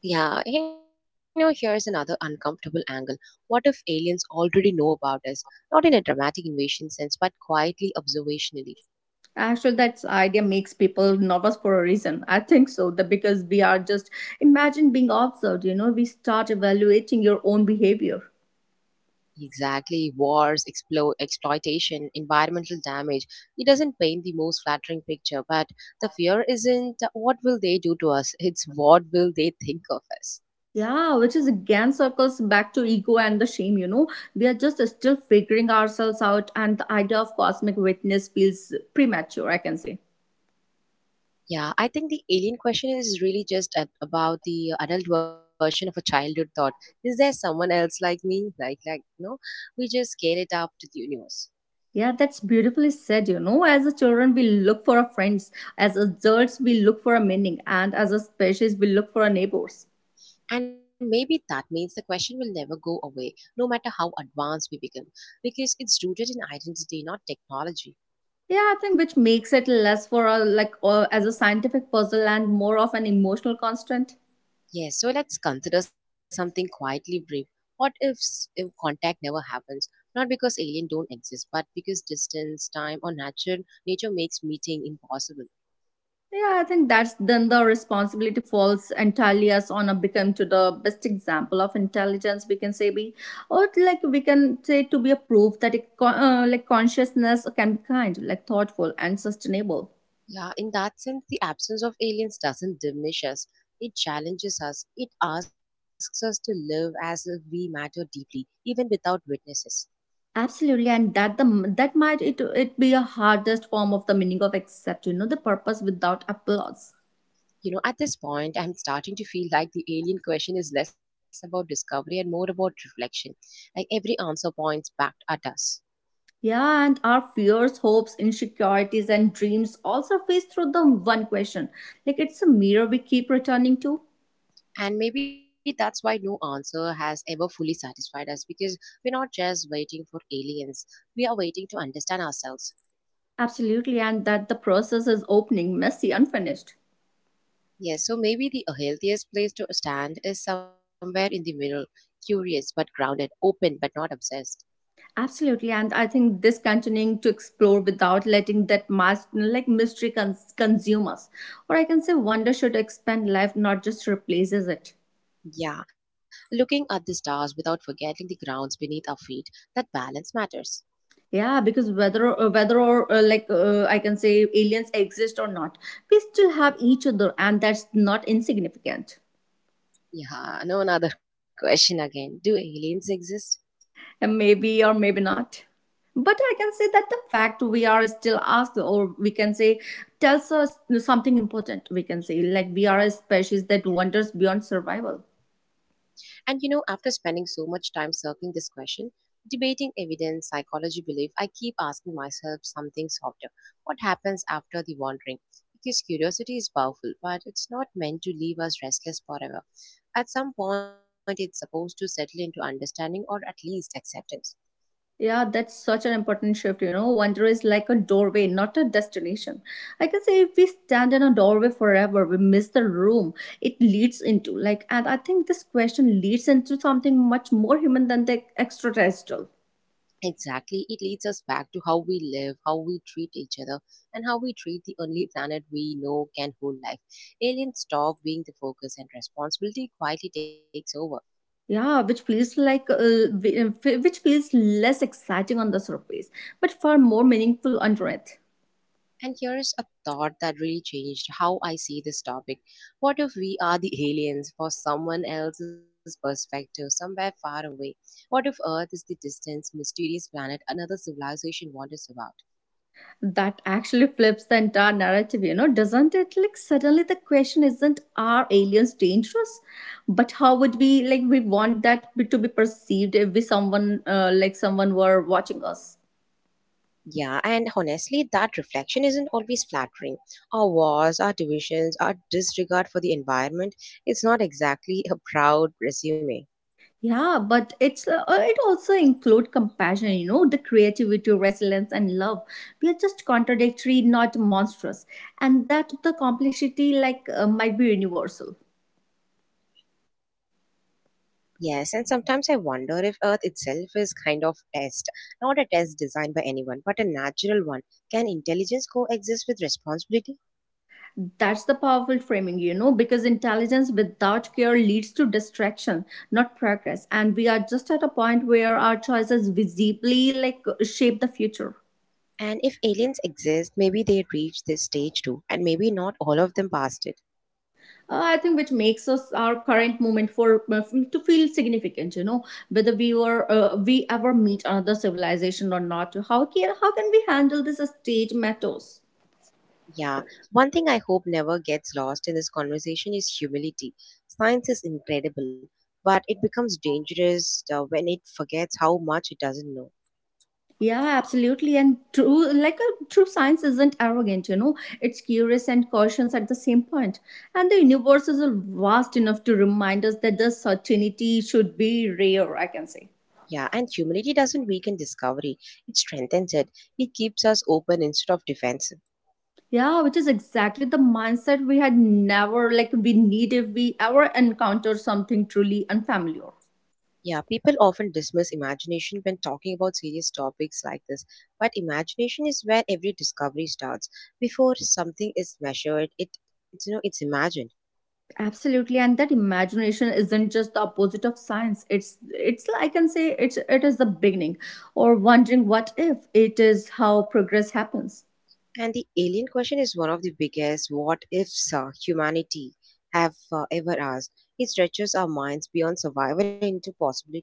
Yeah, you know, here's another uncomfortable angle. What if aliens already know about us? Not in a dramatic invasion sense, but quietly observationally. Actually, that idea makes people nervous for a reason. I think so, that because we are just imagine being observed, we start evaluating your own behavior. Exactly, wars, exploitation, environmental damage. It doesn't paint the most flattering picture, but the fear isn't what will they do to us, it's what will they think of us. Yeah, which is again circles back to ego and the shame. We are just still figuring ourselves out, and the idea of cosmic witness feels premature, I can say. Yeah, I think the alien question is really just about the adult version of a childhood thought. Is there someone else like me? We just scale it up to the universe. Yeah, that's beautifully said. As a children, we look for our friends. As adults, we look for a meaning. And as a species, we look for our neighbors. And maybe that means the question will never go away, no matter how advanced we become, because it's rooted in identity, not technology. Yeah, I think which makes it less for a like as a scientific puzzle and more of an emotional constant. Yes, so let's consider something quietly brief. What if, if contact never happens? Not because aliens don't exist, but because distance, time, or natural nature makes meeting impossible. Yeah, I think that's then the responsibility falls entirely us on a become to the best example of intelligence, we can say, be or, like, we can say to be a proof that it consciousness can be kind, like thoughtful and sustainable. Yeah, in that sense, the absence of aliens doesn't diminish us. It challenges us. It asks us to live as if we matter deeply, even without witnesses. Absolutely, and that the that might it be a hardest form of the meaning of accept. You know the purpose without applause. You know, at this point, I'm starting to feel like the alien question is less about discovery and more about reflection. Like every answer points back at us. Yeah, and our fears, hopes, insecurities, and dreams all surface through the one question. Like it's a mirror we keep returning to. And maybe that's why no answer has ever fully satisfied us because we're not just waiting for aliens, we are waiting to understand ourselves. Absolutely, and that the process is opening, messy, unfinished. Yes, so maybe the healthiest place to stand is somewhere in the middle, curious but grounded, open but not obsessed. Absolutely, and I think this continuing to explore without letting that mass, like mystery consume us, or I can say wonder should expand life, not just replaces it. Yeah, looking at the stars without forgetting the grounds beneath our feet, that balance matters. Yeah, because whether whether or like I can say aliens exist or not, we still have each other, and that's not insignificant. Yeah, no another *laughs* question again. Do aliens exist? And maybe or maybe not. But I can say that the fact we are still asked, or we can say, tells us something important. We can say, like, we are a species that wanders beyond survival. And you know, after spending so much time circling this question, debating evidence, psychology, belief, I keep asking myself something softer. What happens after the wandering? Because curiosity is powerful, but it's not meant to leave us restless forever. At some point, it's supposed to settle into understanding or at least acceptance. Yeah, that's such an important shift, you know. Wonder is like a doorway, not a destination. I can say if we stand in a doorway forever, we miss the room it leads into. Like, and I think this question leads into something much more human than the extraterrestrial. Exactly, it leads us back to how we live, how we treat each other, and how we treat the only planet we know can hold life. Aliens stop being the focus, and responsibility quietly takes over. Yeah, which feels like which feels less exciting on the surface, but far more meaningful underneath. And here is a thought that really changed how I see this topic. What if we are the aliens for someone else's perspective, somewhere far away? What if Earth is the distant, mysterious planet another civilization wanders about? That actually flips the entire narrative, you know, doesn't it? Like suddenly the question isn't are aliens dangerous, but how would we like we want that to be perceived if we someone like someone were watching us? Yeah, and honestly, that reflection isn't always flattering. Our wars, our divisions, our disregard for the environment, it's not exactly a proud resume. Yeah, but it's it also include compassion, you know, the creativity, resilience, and love. We are just contradictory, not monstrous, and that the complexity like might be universal. Yes, and sometimes I wonder if Earth itself is kind of test, not a test designed by anyone, but a natural one. Can intelligence coexist with responsibility? That's the powerful framing, you know, because intelligence without care leads to distraction, not progress. And we are just at a point where our choices visibly like shape the future. And if aliens exist, maybe they reach this stage too, and maybe not all of them passed it. I think which makes us our current moment for to feel significant. You know, whether we were we ever meet another civilization or not. How can we handle this stage matters? Yeah, one thing I hope never gets lost in this conversation is humility. Science is incredible, but it becomes dangerous when it forgets how much it doesn't know. Yeah, absolutely. And true, like a true science isn't arrogant, you know, it's curious and cautious at the same point. And the universe is vast enough to remind us that the certainty should be rare, I can say. Yeah, and humility doesn't weaken discovery, it strengthens it. It keeps us open instead of defensive. Yeah, which is exactly the mindset we had never like we need if we ever encounter something truly unfamiliar. Yeah, people often dismiss imagination when talking about serious topics like this, but imagination is where every discovery starts. Before something is measured, you know it's imagined. Absolutely, and that imagination isn't just the opposite of science. It's I can say it is the beginning, or wondering what if it is how progress happens. And the alien question is one of the biggest what ifs humanity have ever asked. It stretches our minds beyond survival into possibility.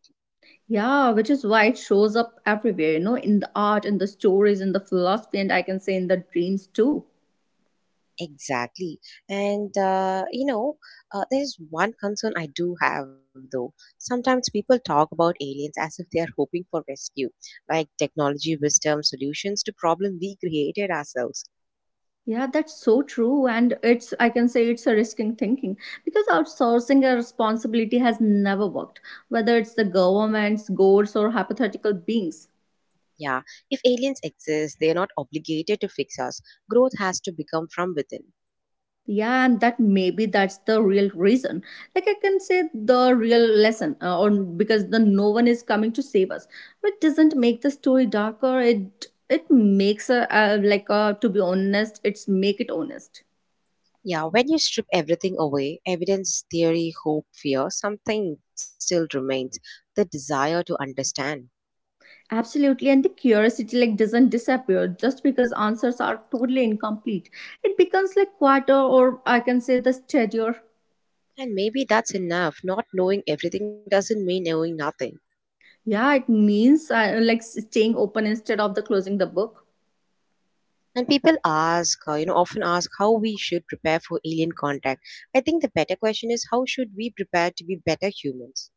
Yeah, which is why it shows up everywhere. You know, in the art, in the stories, in the philosophy, and I can say in the dreams too. Exactly. And, uh, you know, there's one concern I do have though. Sometimes people talk about aliens as if they are hoping for rescue, like technology, wisdom, solutions to problem we created ourselves. Yeah, that's so true. And it's, I can say it's a risking thinking because outsourcing a responsibility has never worked, whether it's the governments, goals, or hypothetical beings. Yeah, if aliens exist, they are not obligated to fix us. Growth has to become from within. Yeah, and that maybe that's the real reason. Like I can say the real lesson, or because the no one is coming to save us. But it doesn't make the story darker. It makes a to be honest, it's make it honest. Yeah, when you strip everything away evidence, theory, hope, fear something still remains the desire to understand. Absolutely, and the curiosity like doesn't disappear just because answers are totally incomplete. It becomes like quieter, or I can say the steadier. And maybe that's enough. Not knowing everything doesn't mean knowing nothing. Yeah, it means like staying open instead of the closing the book. And people ask, often ask how we should prepare for alien contact. I think the better question is how should we prepare to be better humans?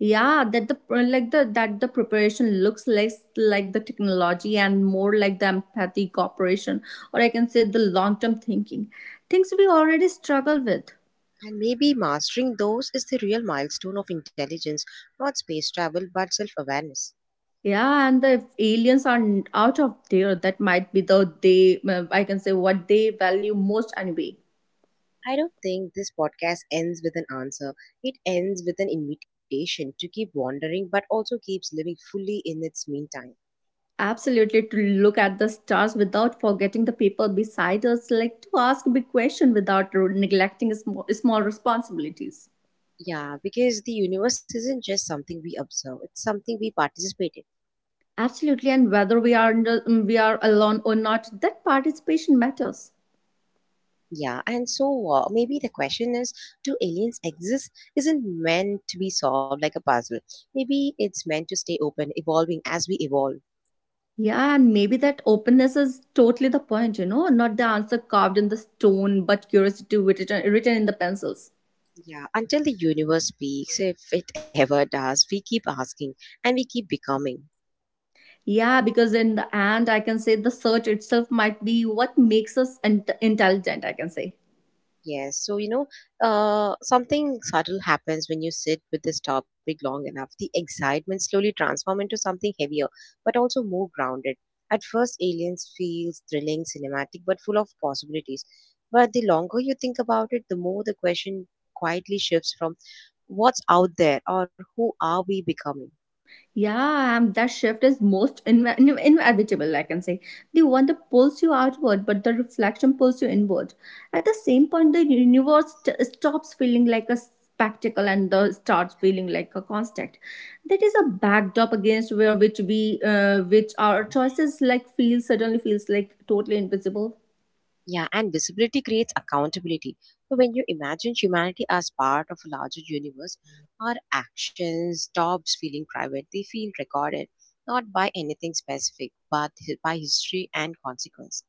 Yeah, that the like the that the preparation looks less like the technology and more like the empathy, cooperation, or I can say the long term thinking, things we already struggle with. And maybe mastering those is the real milestone of intelligence, not space travel, but self awareness. Yeah, and the aliens are out of there. That might be the they I can say what they value most anyway. I don't think this podcast ends with an answer. It ends with an invitation to keep wandering, but also keeps living fully in its meantime. Absolutely, to look at the stars without forgetting the people beside us, like to ask big question without neglecting small, small responsibilities. Yeah, because the universe isn't just something we observe, it's something we participate in. Absolutely, and whether we are we are alone or not, that participation matters. Yeah, and so maybe the question is do aliens exist? Isn't meant to be solved like a puzzle. Maybe it's meant to stay open, evolving as we evolve. Yeah, and maybe that openness is totally the point, you know, not the answer carved in the stone, but curiosity written in the pencils. Yeah, until the universe speaks, if it ever does, we keep asking and we keep becoming. Yeah, because in the end, I can say the search itself might be what makes us intelligent, I can say. Yes, so you know, Something subtle happens when you sit with this topic long enough. The excitement slowly transforms into something heavier, but also more grounded. At first, aliens feels thrilling, cinematic, but full of possibilities. But the longer you think about it, the more the question quietly shifts from what's out there or who are we becoming. Yeah, and that shift is most inevitable, I can say. The one that pulls you outward, but the reflection pulls you inward. At the same point, the universe stops feeling like a spectacle and the starts feeling like a construct. That is a backdrop against where which we, which our choices like feel suddenly feels like totally invisible. Yeah, and visibility creates accountability. So when you imagine humanity as part of a larger universe, our actions stops feeling private. They feel recorded, not by anything specific, but by history and consequence.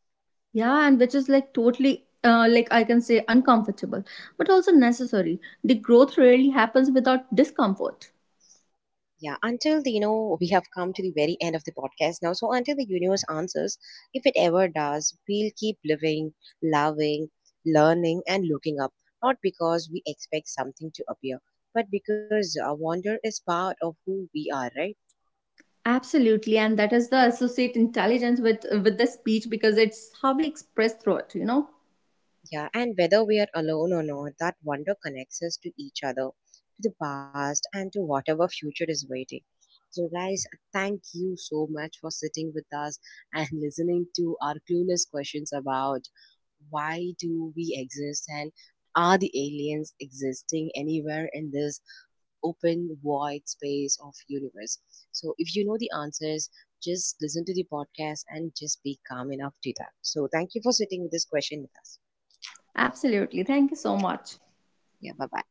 Yeah, and which is like totally, like I can say, uncomfortable, but also necessary. The growth rarely happens without discomfort. Yeah, until you know, *laughs* we have come to the very end of the podcast now. So until the universe answers, if it ever does, we'll keep living, loving, learning, and looking up. Not because we expect something to appear, but because wonder is part of who we are, right? Absolutely, and that is the associate intelligence with the speech because it's how we express through it. You know. Yeah, and whether we are alone or not, that wonder connects us to each other, to the past, and to whatever future is waiting. So, guys, thank you so much for sitting with us and *laughs* listening to our clueless questions about why do we exist and are the aliens existing anywhere in this open void space of universe. So if you know the answers, just listen to the podcast and just be calm enough to that. So thank you for sitting with this question with us. Absolutely. Thank you so much. 也拜拜。